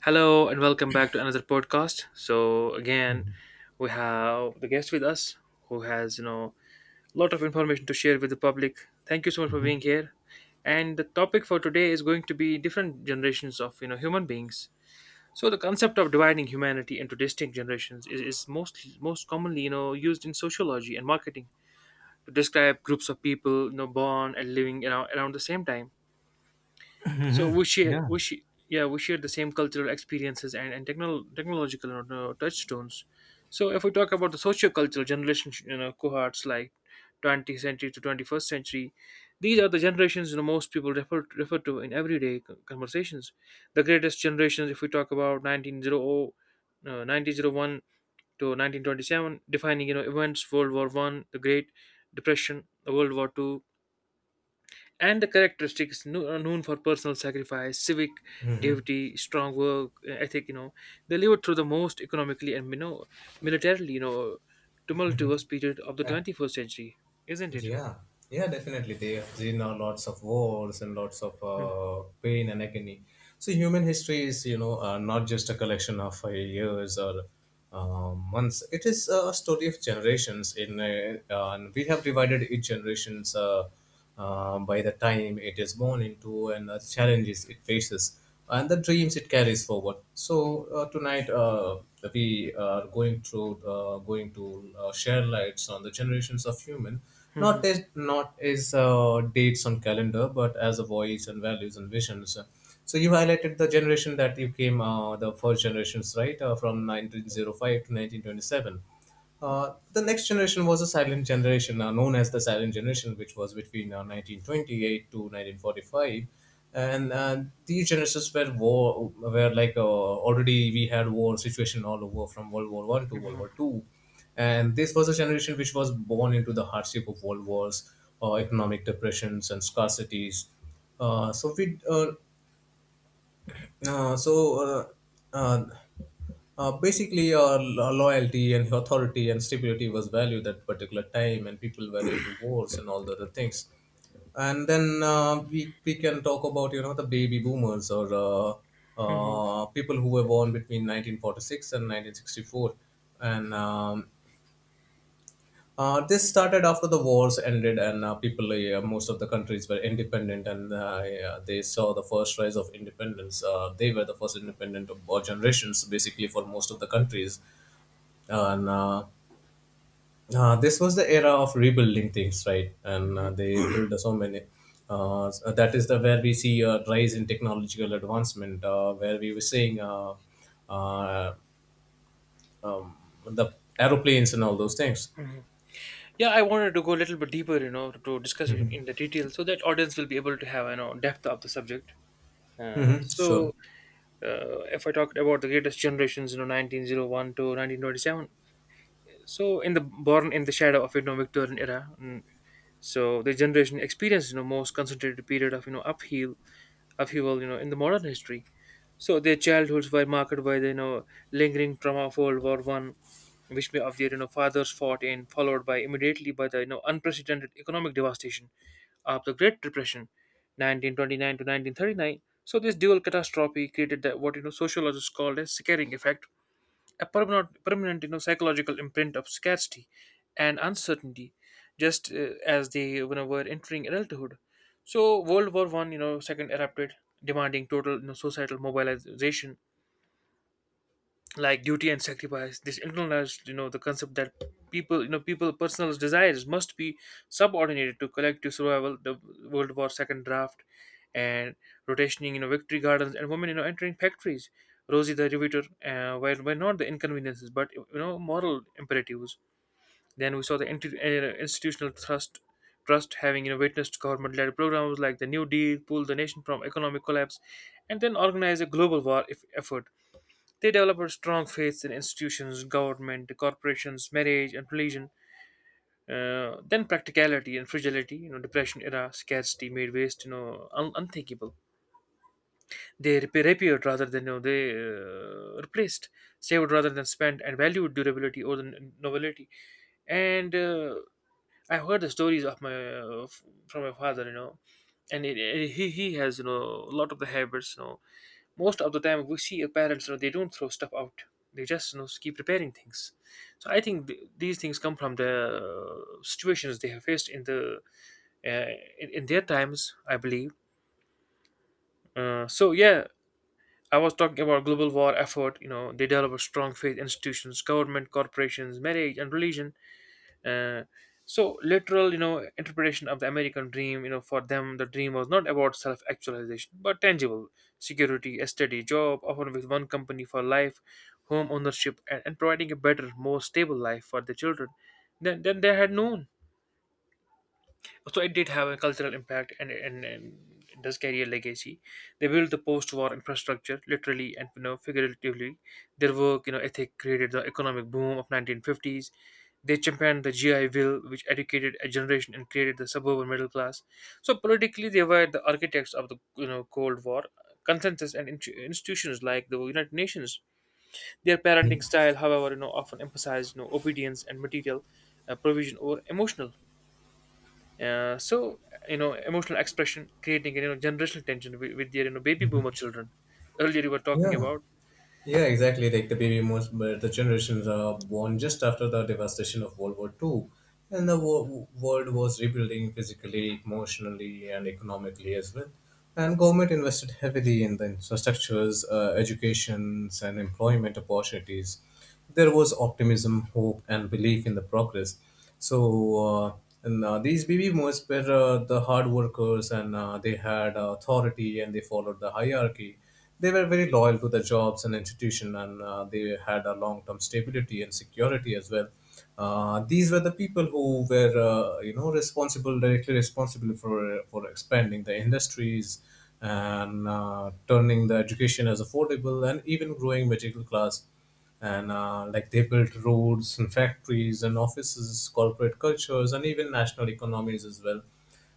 Hello and welcome back to another podcast. So again, we have the guest with us who has a lot of information to share with the public. Thank you so much for being here. And the topic for today is going to be different generations of human beings. So the concept of dividing humanity into distinct generations is mostly most commonly used in sociology and marketing to describe groups of people born and living around the same time so yeah, we share the same cultural experiences and technol technological you touchstones. So if we talk about the socio-cultural generation cohorts like 20th century to 21st century, these are the generations most people refer to in everyday co- conversations. The greatest generations, if we talk about 1900 uh, 1901 to 1927, defining events: world war one, the great depression, the world war two. And the characteristics kno- are known for personal sacrifice, civic Mm-hmm. duty, strong work ethic. You know, they lived through the most economically and militarily tumultuous period of the 21st century, isn't it? Yeah, yeah, definitely. There have been lots of wars and lots of Mhm, pain and agony. So human history is, not just a collection of years or months. It is a story of generations. In and we have divided each generations. By the time it is born into and the challenges it faces and the dreams it carries forward. So tonight, we are going through going to share lights on the generations of human, mhm, not as dates on calendar, but as a voice and values and visions. So you highlighted the generation that you came, the first generations, right, from 1905 to 1927. The next generation was a silent generation, known as the silent generation, which was between 1928 to 1945. And these generations were war, were like already we had war situation all over from World War One to World mhm, War Two, and this was a generation which was born into the hardship of world wars, economic depressions, and scarcities. So we so uh, uh, basically, loyalty and authority and stability was valued at particular time, and people were into wars and all the other things. And then we can talk about the baby boomers or mhm, people who were born between 1946 and 1964, and this started after the wars ended, and people, yeah, most of the countries were independent, and yeah, they saw the first rise of independence. They were the first independent of all generations, basically, for most of the countries. And This was the era of rebuilding things, right? And mhm, they built so many. So that is the where we see a rise in technological advancement, where we were seeing uh, um, the aeroplanes and all those things. mhm. Yeah, I wanted to go a little bit deeper, you know, to discuss it Hmm. in the detail so that audience will be able to have, you know, depth of the subject. Uh, Sure. so, if I talked about the greatest generations, you know, 1901 to 1927, so in the born in the shadow of Victorian era, mm, so the generation experienced most concentrated period of upheaval, in the modern history. So their childhoods were marked by the lingering trauma of World War One, which many of their fathers fought in, followed by immediately by the unprecedented economic devastation of the Great Depression, 1929 to 1939. So this dual catastrophe created that what sociologists called as scaring effect, a permanent psychological imprint of scarcity and uncertainty, just as they, you know, were entering adulthood. So World War One, you know, second erupted, demanding total societal mobilization like duty and sacrifice. This internalized the concept that people you know people personal desires must be subordinated to collective survival. The world war second draft and rotationing victory gardens and women entering factories, rosie the riveter were not the inconveniences but moral imperatives. Then we saw the institutional trust having witnessed government-led programs like the new deal pull the nation from economic collapse and then organize a global war if effort. They develop a strong faith in institutions, government, corporations, marriage, and religion. Then practicality and fragility, you know, depression era scarcity made waste, you know, un- unthinkable. They rep- repaired rather than you know they replaced, saved rather than spent, and valued durability over the n- novelty. And I heard the stories of my f- from my father, you know, and he has a lot of the habits. You know, most of the time we see our parents, you know, they don't throw stuff out. They just keep repairing things. So I think th- these things come from the situations they have faced in the uh, in their times, I believe. So yeah, I was talking about global war effort. You know, they develop a strong faith institutions, government, corporations, marriage, and religion. Uh, so literal, you know, interpretation of the American dream. You know, for them, the dream was not about self-actualization, but tangible security, a steady job, often with one company for life, home ownership, and providing a better, more stable life for the children than they had known. So it did have a cultural impact and it does carry a legacy. They built the post-war infrastructure literally and figuratively. Their work ethic created the economic boom of 1950s. They championed the GI bill which educated a generation and created the suburban middle class. So politically they were the architects of the cold war consensus and intu- institutions like the United Nations. Their parenting style, however, often emphasized obedience and material provision over emotional uh, so emotional expression, creating generational tension with their baby boomer children. Earlier you were talking Yeah. about. Yeah, exactly. Like the baby boomers, but the generations are born just after the devastation of World War Two, and the world was rebuilding physically, emotionally, and economically as well. And government invested heavily in the infrastructures, educations, and employment opportunities. There was optimism, hope, and belief in the progress. So, and these baby boomers were the hard workers, and they had authority, and they followed the hierarchy. They were very loyal to their jobs and institution, and they had a long-term stability and security as well. These were the people who were, responsible directly responsible for expanding the industries and turning the education as affordable and even growing middle class, and like they built roads and factories and offices, corporate cultures, and even national economies as well.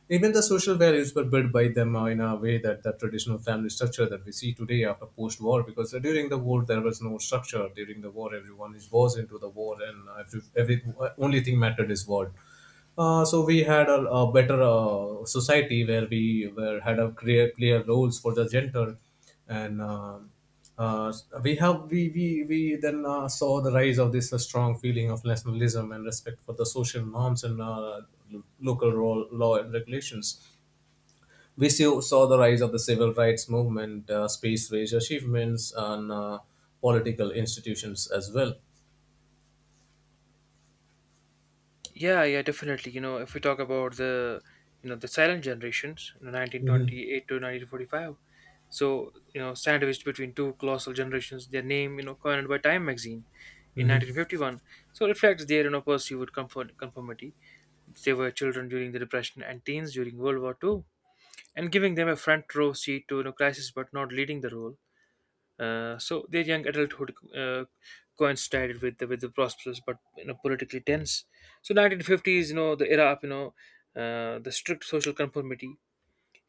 Even the social values were built by them in a way that the traditional family structure that we see today after post-war, because during the war there was no structure. During the war, everyone was into the war, and every only thing mattered is war. So we had a better society where we were had a clear roles for the gender, and uh, we have we then saw the rise of this strong feeling of nationalism and respect for the social norms and local law and regulations. We saw the rise of the civil rights movement, space race achievements, and political institutions as well. Yeah, yeah, definitely. You know, if we talk about the the silent generations, you know, Mhm. 1928 to 1945. So you know, sandwiched between two colossal generations, their name coined by Time magazine in Mhm. 1951. So reflects their pursuit comfort conformity. They were children during the Depression and teens during World War two, and giving them a front row seat to crisis, but not leading the role. So their young adulthood coincided with the prosperous but politically tense. So 1950s, you know, the era of the strict social conformity,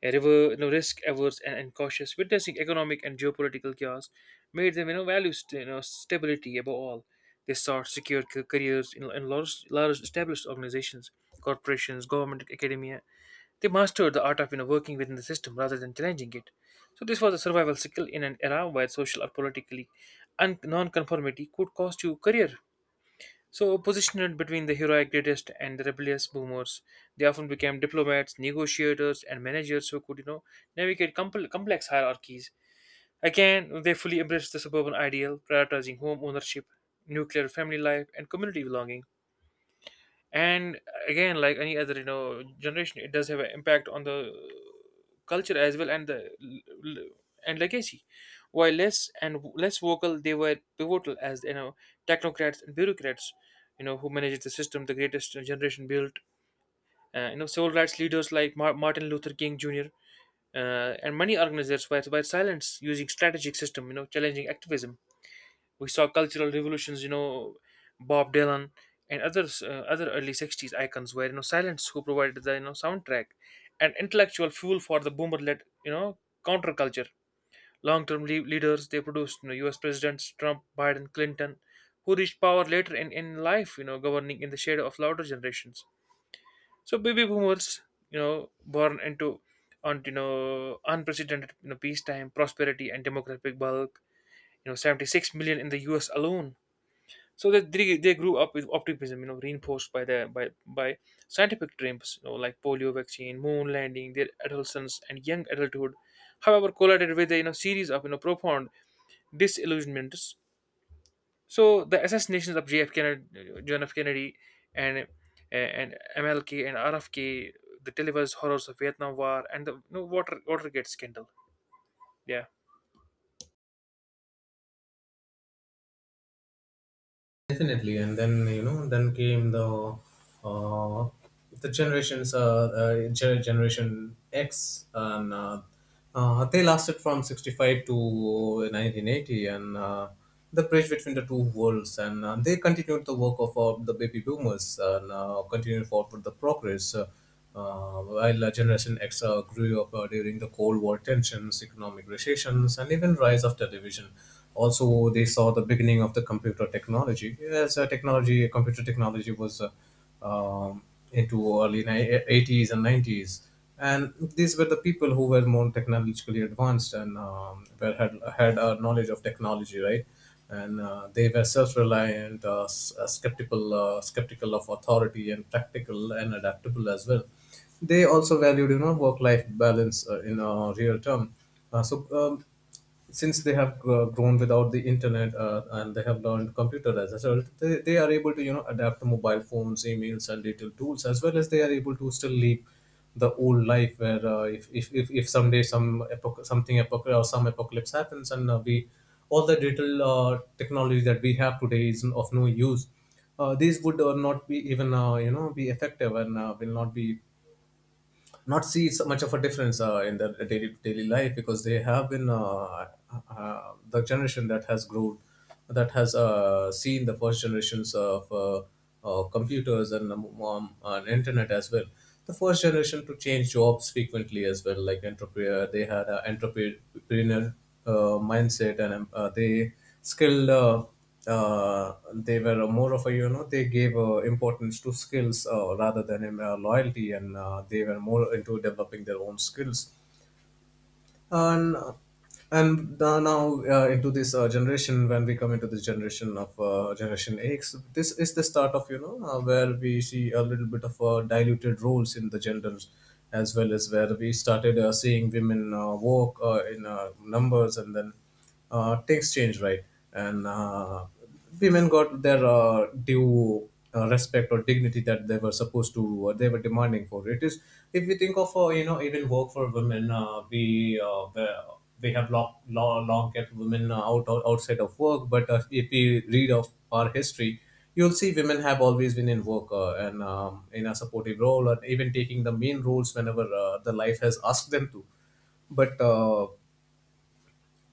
a river, you know, risk averse and cautious, witnessing economic and geopolitical chaos, made them value stability above all. They sought secure ca- careers in large established organizations, corporations, government, academia. They mastered the art of, you know, working within the system rather than challenging it. So this was a survival skill in an era where social or politically un- non-conformity could cost you career. So positioned between the heroic greatest and the rebellious boomers, they often became diplomats, negotiators, and managers who could, you know, navigate compl- complex hierarchies. Again, they fully embraced the suburban ideal, prioritizing home ownership, nuclear family life, and community belonging. And Again, like any other generation, it does have an impact on the culture as well and the l- l- and legacy. While less and w- less vocal, they were pivotal as technocrats and bureaucrats, who managed the system the greatest generation built. You know, civil rights leaders like Mar- Martin Luther King Jr., and many organizers were silenced using strategic system challenging activism. We saw cultural revolutions, you know, Bob Dylan and others, other early '60s icons were silence who provided the soundtrack and intellectual fuel for the boomer-led counterculture. Long-term lea- leaders they produced, you know, U.S. presidents Trump, Biden, Clinton, who reached power later in life, you know, governing in the shade of louder generations. So baby boomers, you know, born into on unprecedented peacetime prosperity and demographic bulk, 76 million in the US alone. So they grew up with optimism, you know, reinforced by the by scientific dreams, you know, like polio vaccine, moon landing, their adolescence and young adulthood. However, collided with a series of profound disillusionments. So the assassinations of JF Kennedy, John F. Kennedy, and and MLK and RFK, the televised horrors of Vietnam War, and the Water Watergate scandal. Yeah. Definitely, and then came the uh, the generations, uh, generation X, and they lasted from sixty five to nineteen eighty, and the bridge between the two worlds, and they continued the work of the baby boomers and continued forward the progress. While Generation X grew up during the Cold War tensions, economic recessions, and even rise of television, also they saw the beginning of the computer technology. As computer technology was um, into early 80s and 90s, and these were the people who were more technologically advanced and had a knowledge of technology, right? And they were self-reliant, skeptical of authority, and practical and adaptable as well. They also valued, work-life balance in a real term. Uh, so um, since they have grown without the internet and they have learned computer as a result, they are able to adapt to mobile phones, emails, and digital tools, as well as they are able to still live the old life where if someday some epoch, something epoch or some apocalypse happens, and we all the digital technology that we have today is of no use. These would not be even be effective, and will not be not see so much of a difference in their daily life, because they have been the generation that has seen the first generations of computers and internet as well, the first generation to change jobs frequently as well, like entrepreneur they had an entrepreneur mindset, and skilled uh, uh, they were more of a they gave importance to skills rather than loyalty, and they were more into developing their own skills, and now into this generation, when we come into this generation of generation X, this is the start of where we see a little bit of diluted roles in the genders, as well as where we started seeing women work in numbers. And then things change, right? And women got their due respect or dignity that they were supposed to they were demanding for. It is, if we think of even work for women, we have long kept women out outside of work, but if we read of our history, you'll see women have always been in work, and in a supportive role and even taking the main roles whenever the life has asked them to, but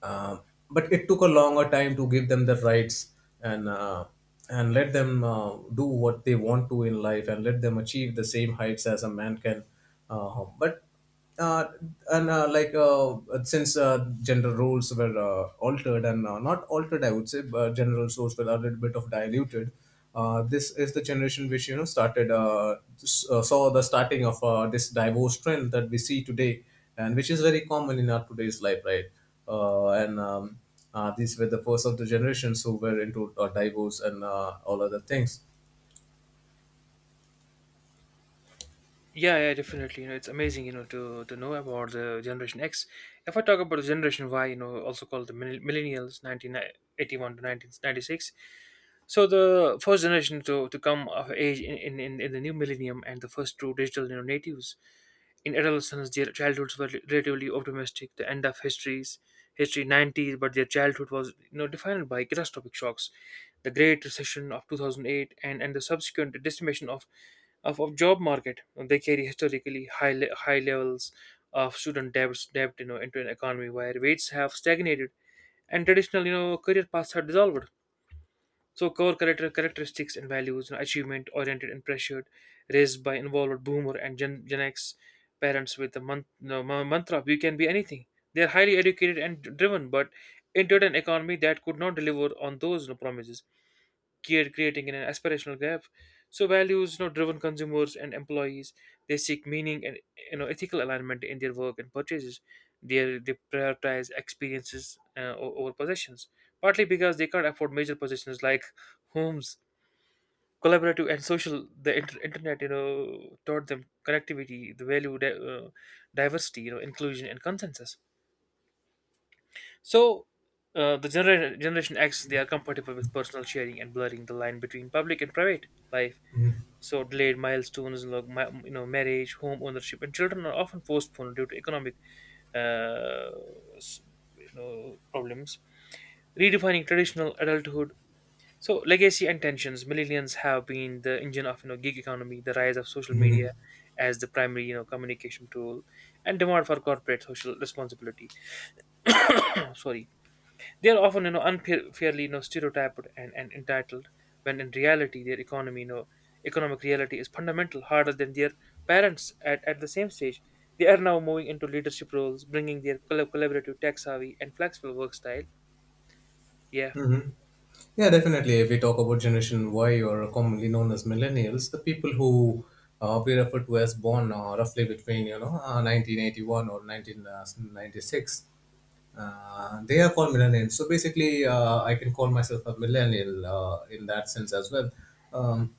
um, it took a longer time to give them the rights, and let them do what they want to in life, and let them achieve the same heights as a man can. But uh, and like Since gender roles were altered and not altered, I would say, but gender roles were a little bit of diluted. This is the generation which started, saw the starting of this divorce trend that we see today, and which is very common in our today's life, right? And These were the first of the generations who were into divorce and all other things. Yeah, yeah, definitely. You know, it's amazing, you know, to know about the Generation X. If I talk about the Generation Y, you know, also called the mill- Millennials, 1981 to 1996, so the first generation to come of age in the new millennium and the first true digital, you know, natives in adolescence. Their childhoods were relatively optimistic. The end of history's history 90s, but their childhood was, you know, defined by catastrophic shocks, the Great Recession of 2008, and the subsequent decimation of job market. And they carry historically high le- high levels of student debt into an economy where rates have stagnated and traditional career paths are dissolved. So core character characteristics and values, you know, achievement oriented and pressured, raised by involved boomer and Gen X parents with the month, no, ma- mantra, "We can be anything." They are highly educated and driven, but entered an economy that could not deliver on those, you know, promises, create, creating an aspirational gap. So values, you know, driven consumers and employees, they seek meaning and, you know, ethical alignment in their work and purchases. They prioritize experiences o- over possessions, partly because they can't afford major possessions like homes. Collaborative and social, the inter- internet, you know, taught them connectivity, the value, diversity, you know, inclusion and consensus. So the genera- generation X, they are compatible with personal sharing and blurring the line between public and private life. Mhm. So delayed milestones, like you know, marriage, home ownership, and children are often postponed due to economic, uh, s- you know, problems. Redefining traditional adulthood. So legacy and tensions. Millennials have been the engine of you know gig economy, the rise of social media as the primary you know communication tool, and demand for corporate social responsibility. Sorry, they are often you know unfairly you know stereotyped and entitled when in reality their economy you know economic reality is fundamental harder than their parents at the same stage. They are now moving into leadership roles, bringing their collaborative, tech savvy, and flexible work style. Yeah, Mm-hmm. Yeah, definitely. If we talk about Generation Y, or commonly known as millennials, the people who we refer to as born roughly between 1981 or 1996, they are called millennials. So basically, I can call myself a millennial in that sense as well. Um,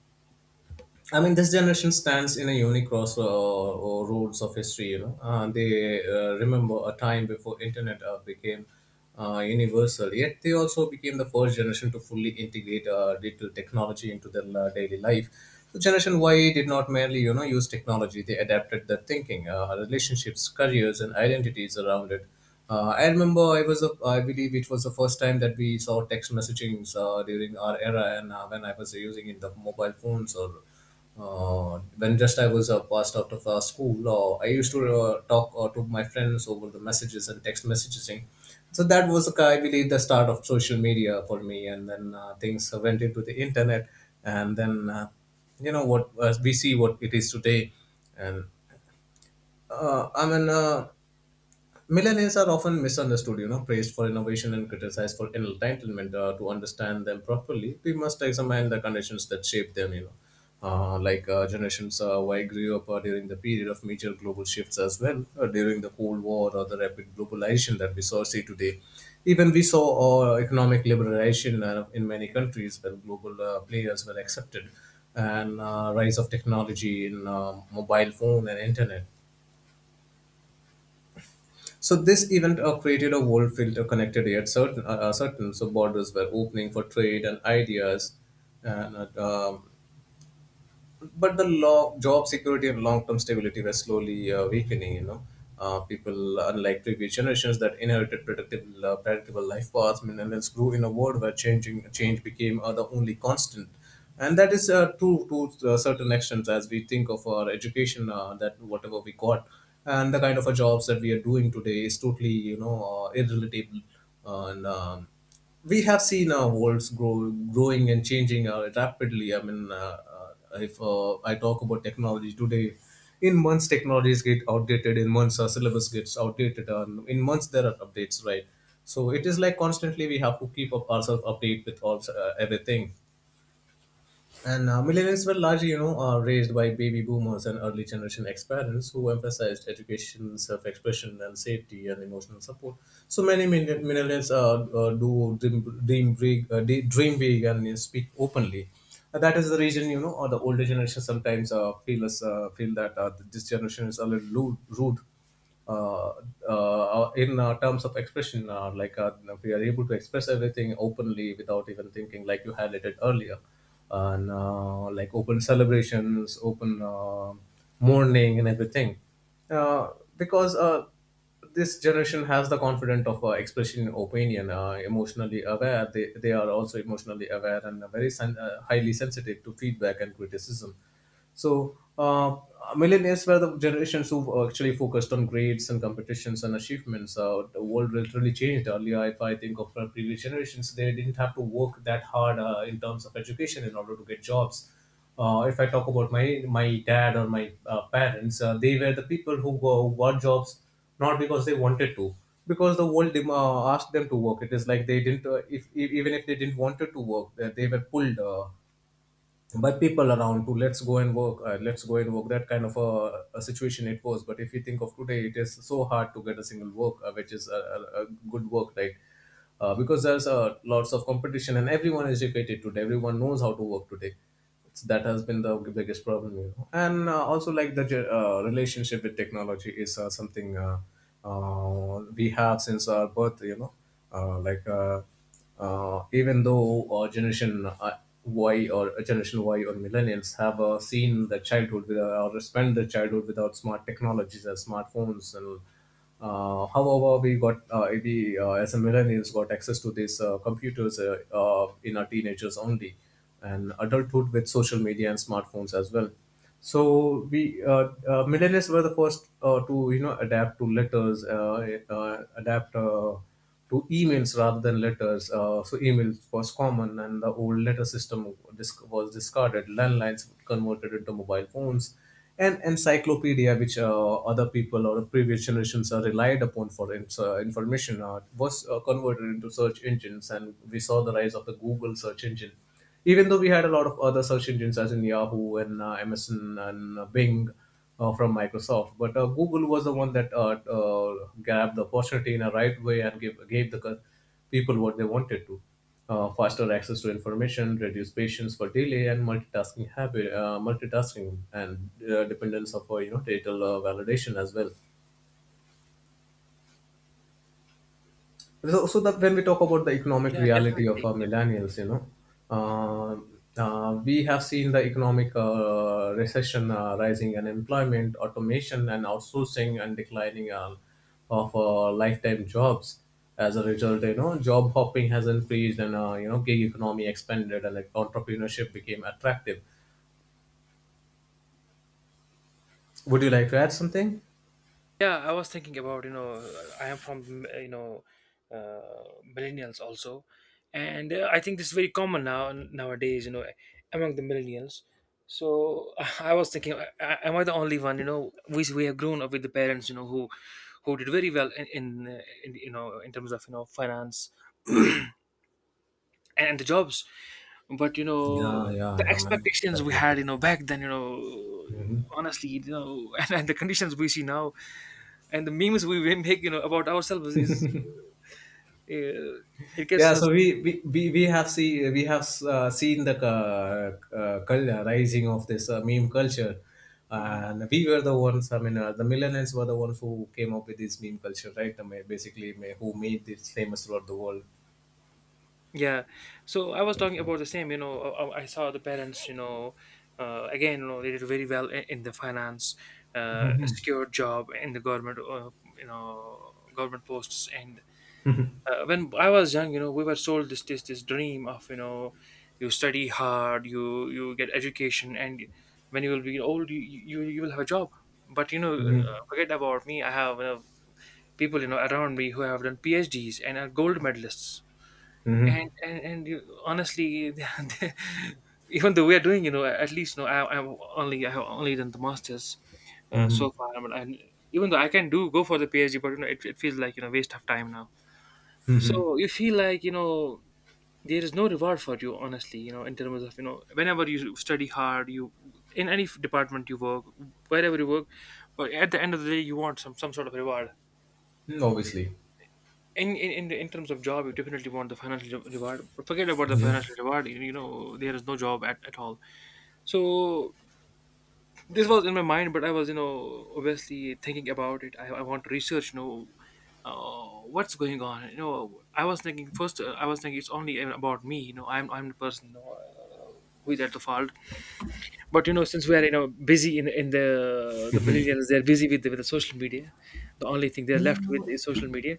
I mean, this generation stands in a unique crossroads, or roads of history. You know, they remember a time before internet became universal. Yet they also became the first generation to fully integrate digital technology into their daily life. So Generation Y did not merely, you know, use technology. They adapted their thinking, relationships, careers, and identities around it. I remember I was a, I believe it was the first time that we saw text messaging during our era, and when I was using in the mobile phones, or when just I was passed out of school, I used to talk to my friends over the messages and text messaging. So that was, I believe, the start of social media for me. And then things went into the internet. And then, you know, what we see what it is today. And I mean, millennials are often misunderstood, you know, praised for innovation and criticized for entitlement. To understand them properly, we must examine the conditions that shape them, you know. Like generations who I grew up during the period of major global shifts as well, during the Cold War or the rapid globalization that we saw see today. Even we saw economic liberalization in many countries where global players were accepted and rise of technology in mobile phone and internet, so this event created a world filter connected yet certain, certain. So borders were opening for trade and ideas, and but the job security and long-term stability were slowly weakening, you know. People Unlike previous generations that inherited predictable life paths, millennials grew in a world where changing change became the only constant. And that is true to a certain extent as we think of our education, that whatever we got and the kind of a jobs that we are doing today is totally irrelatable. And we have seen our worlds growing and changing rapidly. I mean, if I talk about technology today. In months, technologies get outdated. In months, our syllabus gets outdated. And in months, there are updates, right? So it is like constantly we have to keep up ourselves update with all everything. And millennials were largely, you know, raised by baby boomers and early generation ex-parents who emphasized education, self-expression, and safety and emotional support. So many millennials do dream, dream big, and speak openly. That is the reason, you know, or the older generation sometimes feel that this generation is a little rude, uh, in terms of expression, if we are able to express everything openly without even thinking, like you highlighted earlier, and like open celebrations, open mourning, and everything, uh, because this generation has the confidence of expressing opinion. Emotionally aware, they are also emotionally aware and very highly sensitive to feedback and criticism. So millennials were the generations who actually focused on grades and competitions and achievements. The world literally changed. Earlier, if I think of previous generations, they didn't have to work that hard in terms of education in order to get jobs. If I talk about my dad or my parents, they were the people who, who got jobs, not because they wanted to, because the world asked them to work. It is like they didn't if even if they didn't wanted to work, they were pulled by people around to let's go and work, let's go and work. That kind of a situation it was. But if you think of today, it is so hard to get a single work, which is a good work, right? Because there's lots of competition and everyone is educated today, everyone knows how to work today. That has been the biggest problem, you know. And also, like the relationship with technology is something we have since our birth, you know. uh, like uh, Even though generation Y or millennials have seen the childhood without, or spent their childhood without smart technologies and smartphones. And however we got we as a millennials got access to these computers in our teenagers only, and adulthood with social media and smartphones as well. So we uh, uh, millennials were the first to you know adapt to letters adapt to emails rather than letters. So emails was common, and the old letter system was discarded. Landlines converted into mobile phones, and encyclopedia, which other people or previous generations are relied upon for information, was converted into search engines, and we saw the rise of the Google search engine. Even though we had a lot of other search engines as in Yahoo and MSN and Bing from Microsoft, but Google was the one that grabbed the opportunity in a right way and gave the people what they wanted to. Faster access to information, reduced patience for delay, and multitasking, and dependence of, you know, digital validation as well. So that when we talk about the economic yeah, reality of definitely. our millennials, you know, uh, we have seen the economic recession, rising unemployment, automation, and outsourcing, and declining of lifetime jobs. As a result, you know, job hopping has increased, and, you know, gig economy expanded, and like entrepreneurship became attractive. Would you like to add something? Yeah, I was thinking about, you know, I am from, you know, millennials also. And I think this is very common now nowadays, you know, among the millennials. So I was thinking, am I the only one, you know, we have grown up with the parents, you know, who did very well in you know, in terms of, you know, finance and the jobs. But, you Yeah, know, yeah, the yeah, man, expectations we definitely. had, you know, back then, you know, Mhm. honestly, you know, and the conditions we see now, and the memes we make you know about ourselves is uh, it gets Yeah, you know. so we have seen the rising of this meme culture, Mhm. and we were the ones. The millennials were the ones who came up with this meme culture, right? I mean, basically, who made this famous throughout the world. Yeah, so I was talking about the same you know I saw the parents you know again you know they did very well in the finance, secure job in the government you know government posts and when I was young you know we were sold this dream of you know you study hard you get education and when you will be old you will have a job. But you know Mm-hmm. forget about me, I have you know, people you know around me who have done PhDs and are gold medalists. Mm-hmm. And you, honestly, they- even though we are doing, you know, at least no, I'm only I have only done the masters Mm-hmm. so far. But I, mean, and even though I can do go for the PhD, but you know, it feels like you know waste of time now. Mm-hmm. So you feel like you know there is no reward for you, honestly. You know, in terms of you know, whenever you study hard, you in any department you work, wherever you work, but at the end of the day, you want some sort of reward Obviously. in, in in terms of job, you definitely want the financial reward. But forget about the financial reward. You know, there is no job at all. So this was in my mind, but I was you know obviously thinking about it. I want to research. You know, what's going on? You know, I was thinking first. I was thinking it's only about me. You know, I'm the person. You know, who is at the fault? But you know, since we are you know busy in in the millennials, they're busy with the social media. The only thing they're left with is Mhm. social media.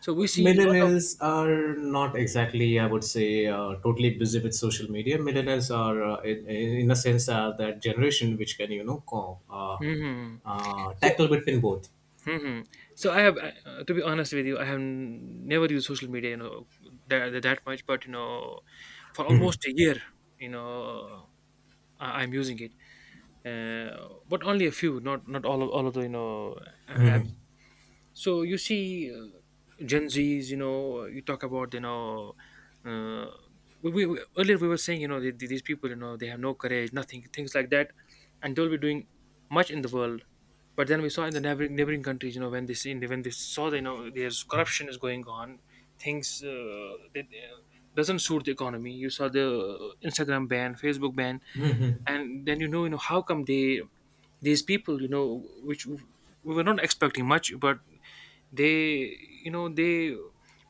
So we see a lot of. Millennials are not exactly, I would say, totally busy with social media. Millennials are, in a sense, are that generation which can, you know, Mhm. So. tackle between both. Mhm. So I have, to be honest with you, I have never used social media, you know, that much. But you know, for Mhm. almost a year, you know, I'm using it, but only a few, not all of the you know apps. Mhm. So you see, Gen Zs, you know, you talk about you know, uh, earlier we were saying you know these people you know they have no courage, nothing, things like that, and they'll be doing much in the world, but then we saw in the neighboring countries, you know, when they see when they saw, they know, there's corruption is going on, things that doesn't suit the economy. You saw the Instagram ban, Facebook ban, Mhm. and then you know, how come they these people, you know, which we were not expecting much, but they, you know, they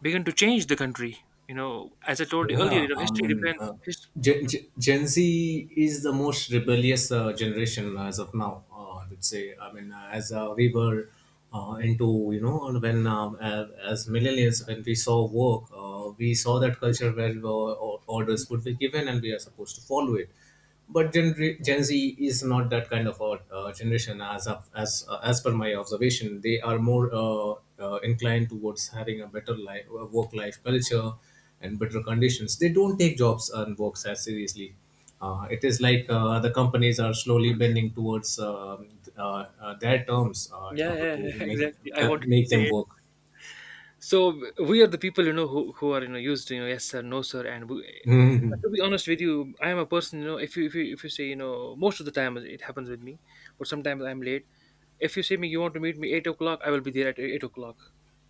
begin to change the country. You know, as I told you earlier, Yeah, you know, I history mean, uh, depends. His, Mhm. Gen Z is the most rebellious generation as of now. I would say. As we were into, you know, as millennials, when we saw work, we saw that culture where orders Mhm. would be given and we are supposed to follow it. But Gen Z is not that kind of a generation as as per my observation. They are more inclined towards having a better life, work life culture, and better conditions. They don't take jobs and works as seriously. It is like the companies are slowly bending towards their terms in Yeah, order yeah, to yeah, make exactly. I help wanted to make say them it. work. So we are the people, you know, who are you know used to you know yes sir, no sir, and we, Mhm. to be honest with you, I am a person, you know, if you say you know most of the time it happens with me, but sometimes I'm late. If you say me you want to meet me 8 o'clock, I will be there at 8 o'clock,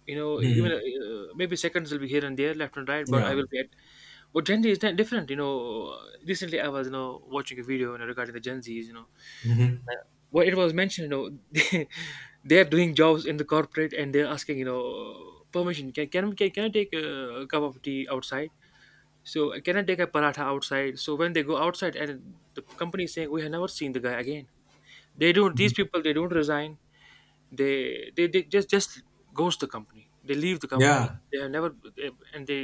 you know, even Mhm. Maybe seconds will be here and there left and right, but I Yeah. will be at. But Gen Z is different, you know. Recently I was you know watching a video, you know, regarding the Gen Z's, you know, Mhm. uh, what it was mentioned, you know, they, they are doing jobs in the corporate and they're asking you know permission, can I take a cup of tea outside, so can I take a paratha outside, so when they go outside and the company is saying we have never seen the guy again. They don't, these people they don't resign. They just goes the company, they leave the company, Yeah. they are never, they- and they,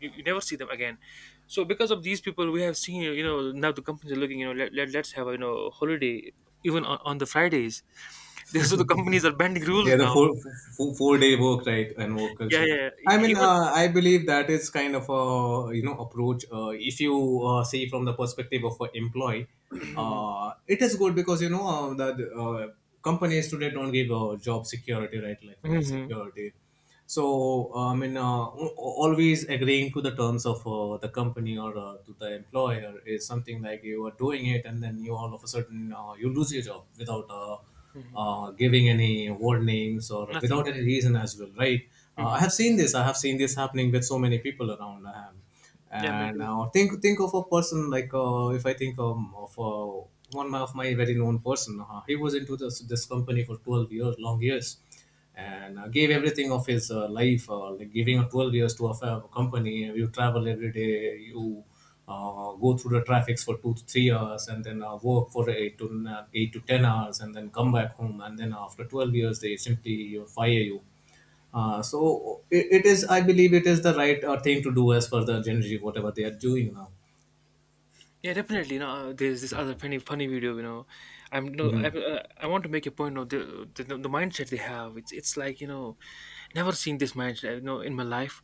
you never see them again. So because of these people we have seen you know now the companies are looking you know let's have a you know holiday even on the Fridays. This, so the companies are bending rules Yeah, the now. four, 4 day work, right, and work Yeah, culture. yeah, yeah. E- even. I believe that is kind of a, you know, approach. If you see from the perspective of an employee, it is good because, you know, that companies today don't give job security, right? Like life Mhm. security. Al- always agreeing to the terms of the company or to the employer is something like you are doing it, and then you all of a sudden you lose your job without. Mhm. Giving any warnings or without Nothing. any reason as well, right? I Hmm. have seen this. I have seen this happening with so many people around. I. Yeah, me And too. Think of a person like if I think of one of my very known person, he was into this company for 12 years, long years, and gave everything of his life, like giving 12 years to a company. You travel every day, you go through the traffics for 2 to 3 hours, and then work for 8 to 10 hours, and then come back home. And then after 12 years, they simply fire you. So it is, I believe, it is the right thing to do as per the Gen Z, whatever they are doing now. Yeah, definitely. You know, there's this other funny video. You know, I'm no, Mhm. I want to make a point of the, the mindset they have. It's like you know, never seen this mindset. You know, in my life.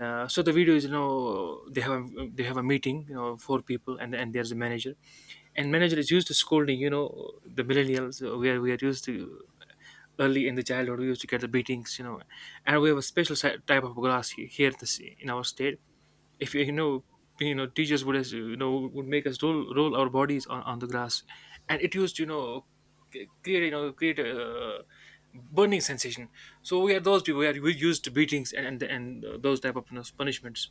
So the video is you know they have a meeting, you know, four people and there's a manager, and manager is used to scolding you know the millennials where we are used to early in the childhood we used to get the beatings, you know, and we have a special type of glass here in our state, if you know, you know, teachers would as you know would make us roll our bodies on the grass, and it used to you know create you know create a burning sensation. So we are those people, we used to beatings and those type of you know, punishments.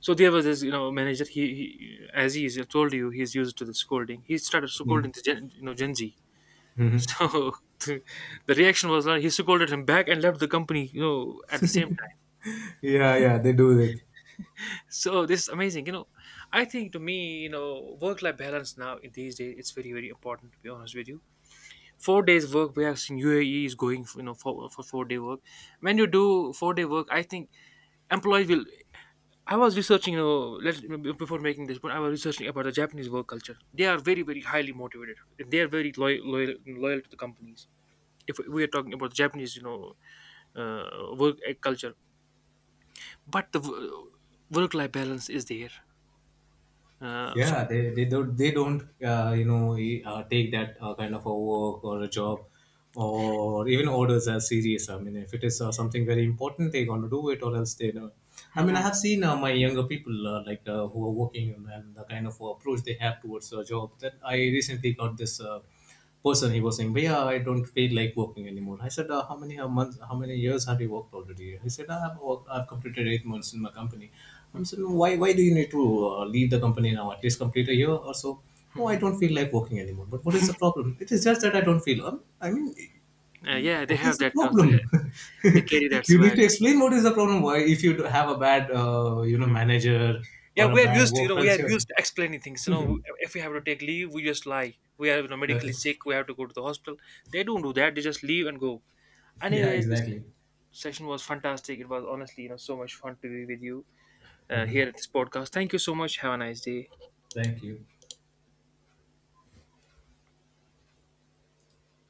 So there was this you know manager, he is I told you he's used to the scolding, he started Yeah. scolding the you know Gen Z. Hmm. So the, the reaction was like he scolded him back and left the company, you know, at the same. Yeah, yeah, they do it. So this is amazing, you know. I think to me you know work life balance now in these days it's very important to be honest with you. 4 days work, we have seen UAE is going you know for 4 day work. When you do 4 day work, I think employees will. I was researching, you know, let before making this point I was researching about the Japanese work culture. They are very highly motivated. They are very loyal to the companies. If we are talking about Japanese, you know, work culture, but the work life balance is there. Uh, Yeah, so they don't take that kind of a work or a job or even orders as serious. I mean, if it is something very important, they're going to do it, or else they don't. I mean, I have seen my younger people, who are working, and the kind of approach they have towards a job. That I recently got this person, he was saying, "Bhaiya, I don't feel like working anymore." I said, "How many months? How many years have you worked already?" He said, "I've I've completed 8 months in my company." I'm Mhm. saying, "No, "Why? Why do you need to leave the company now? At least complete a year or so." No, I Mhm. don't feel like working anymore. But what is the problem? It is just that I don't feel. Yeah, they What is have the that. You know, problem? they carry that You need swag. to explain what is the problem. Why, if you have a bad, you know, Mhm. manager Yeah, or a we are bad used to you work know we are culture. used to explaining things. You know, if we have to take leave, we just lie. We are you know Okay. medically sick. We have to go to the hospital. They don't do that. They just leave and go. Yeah, Anyways, this exactly. session was fantastic. It was honestly you know so much fun to be with you here at this podcast. Thank you so much. Have a nice day. Thank you.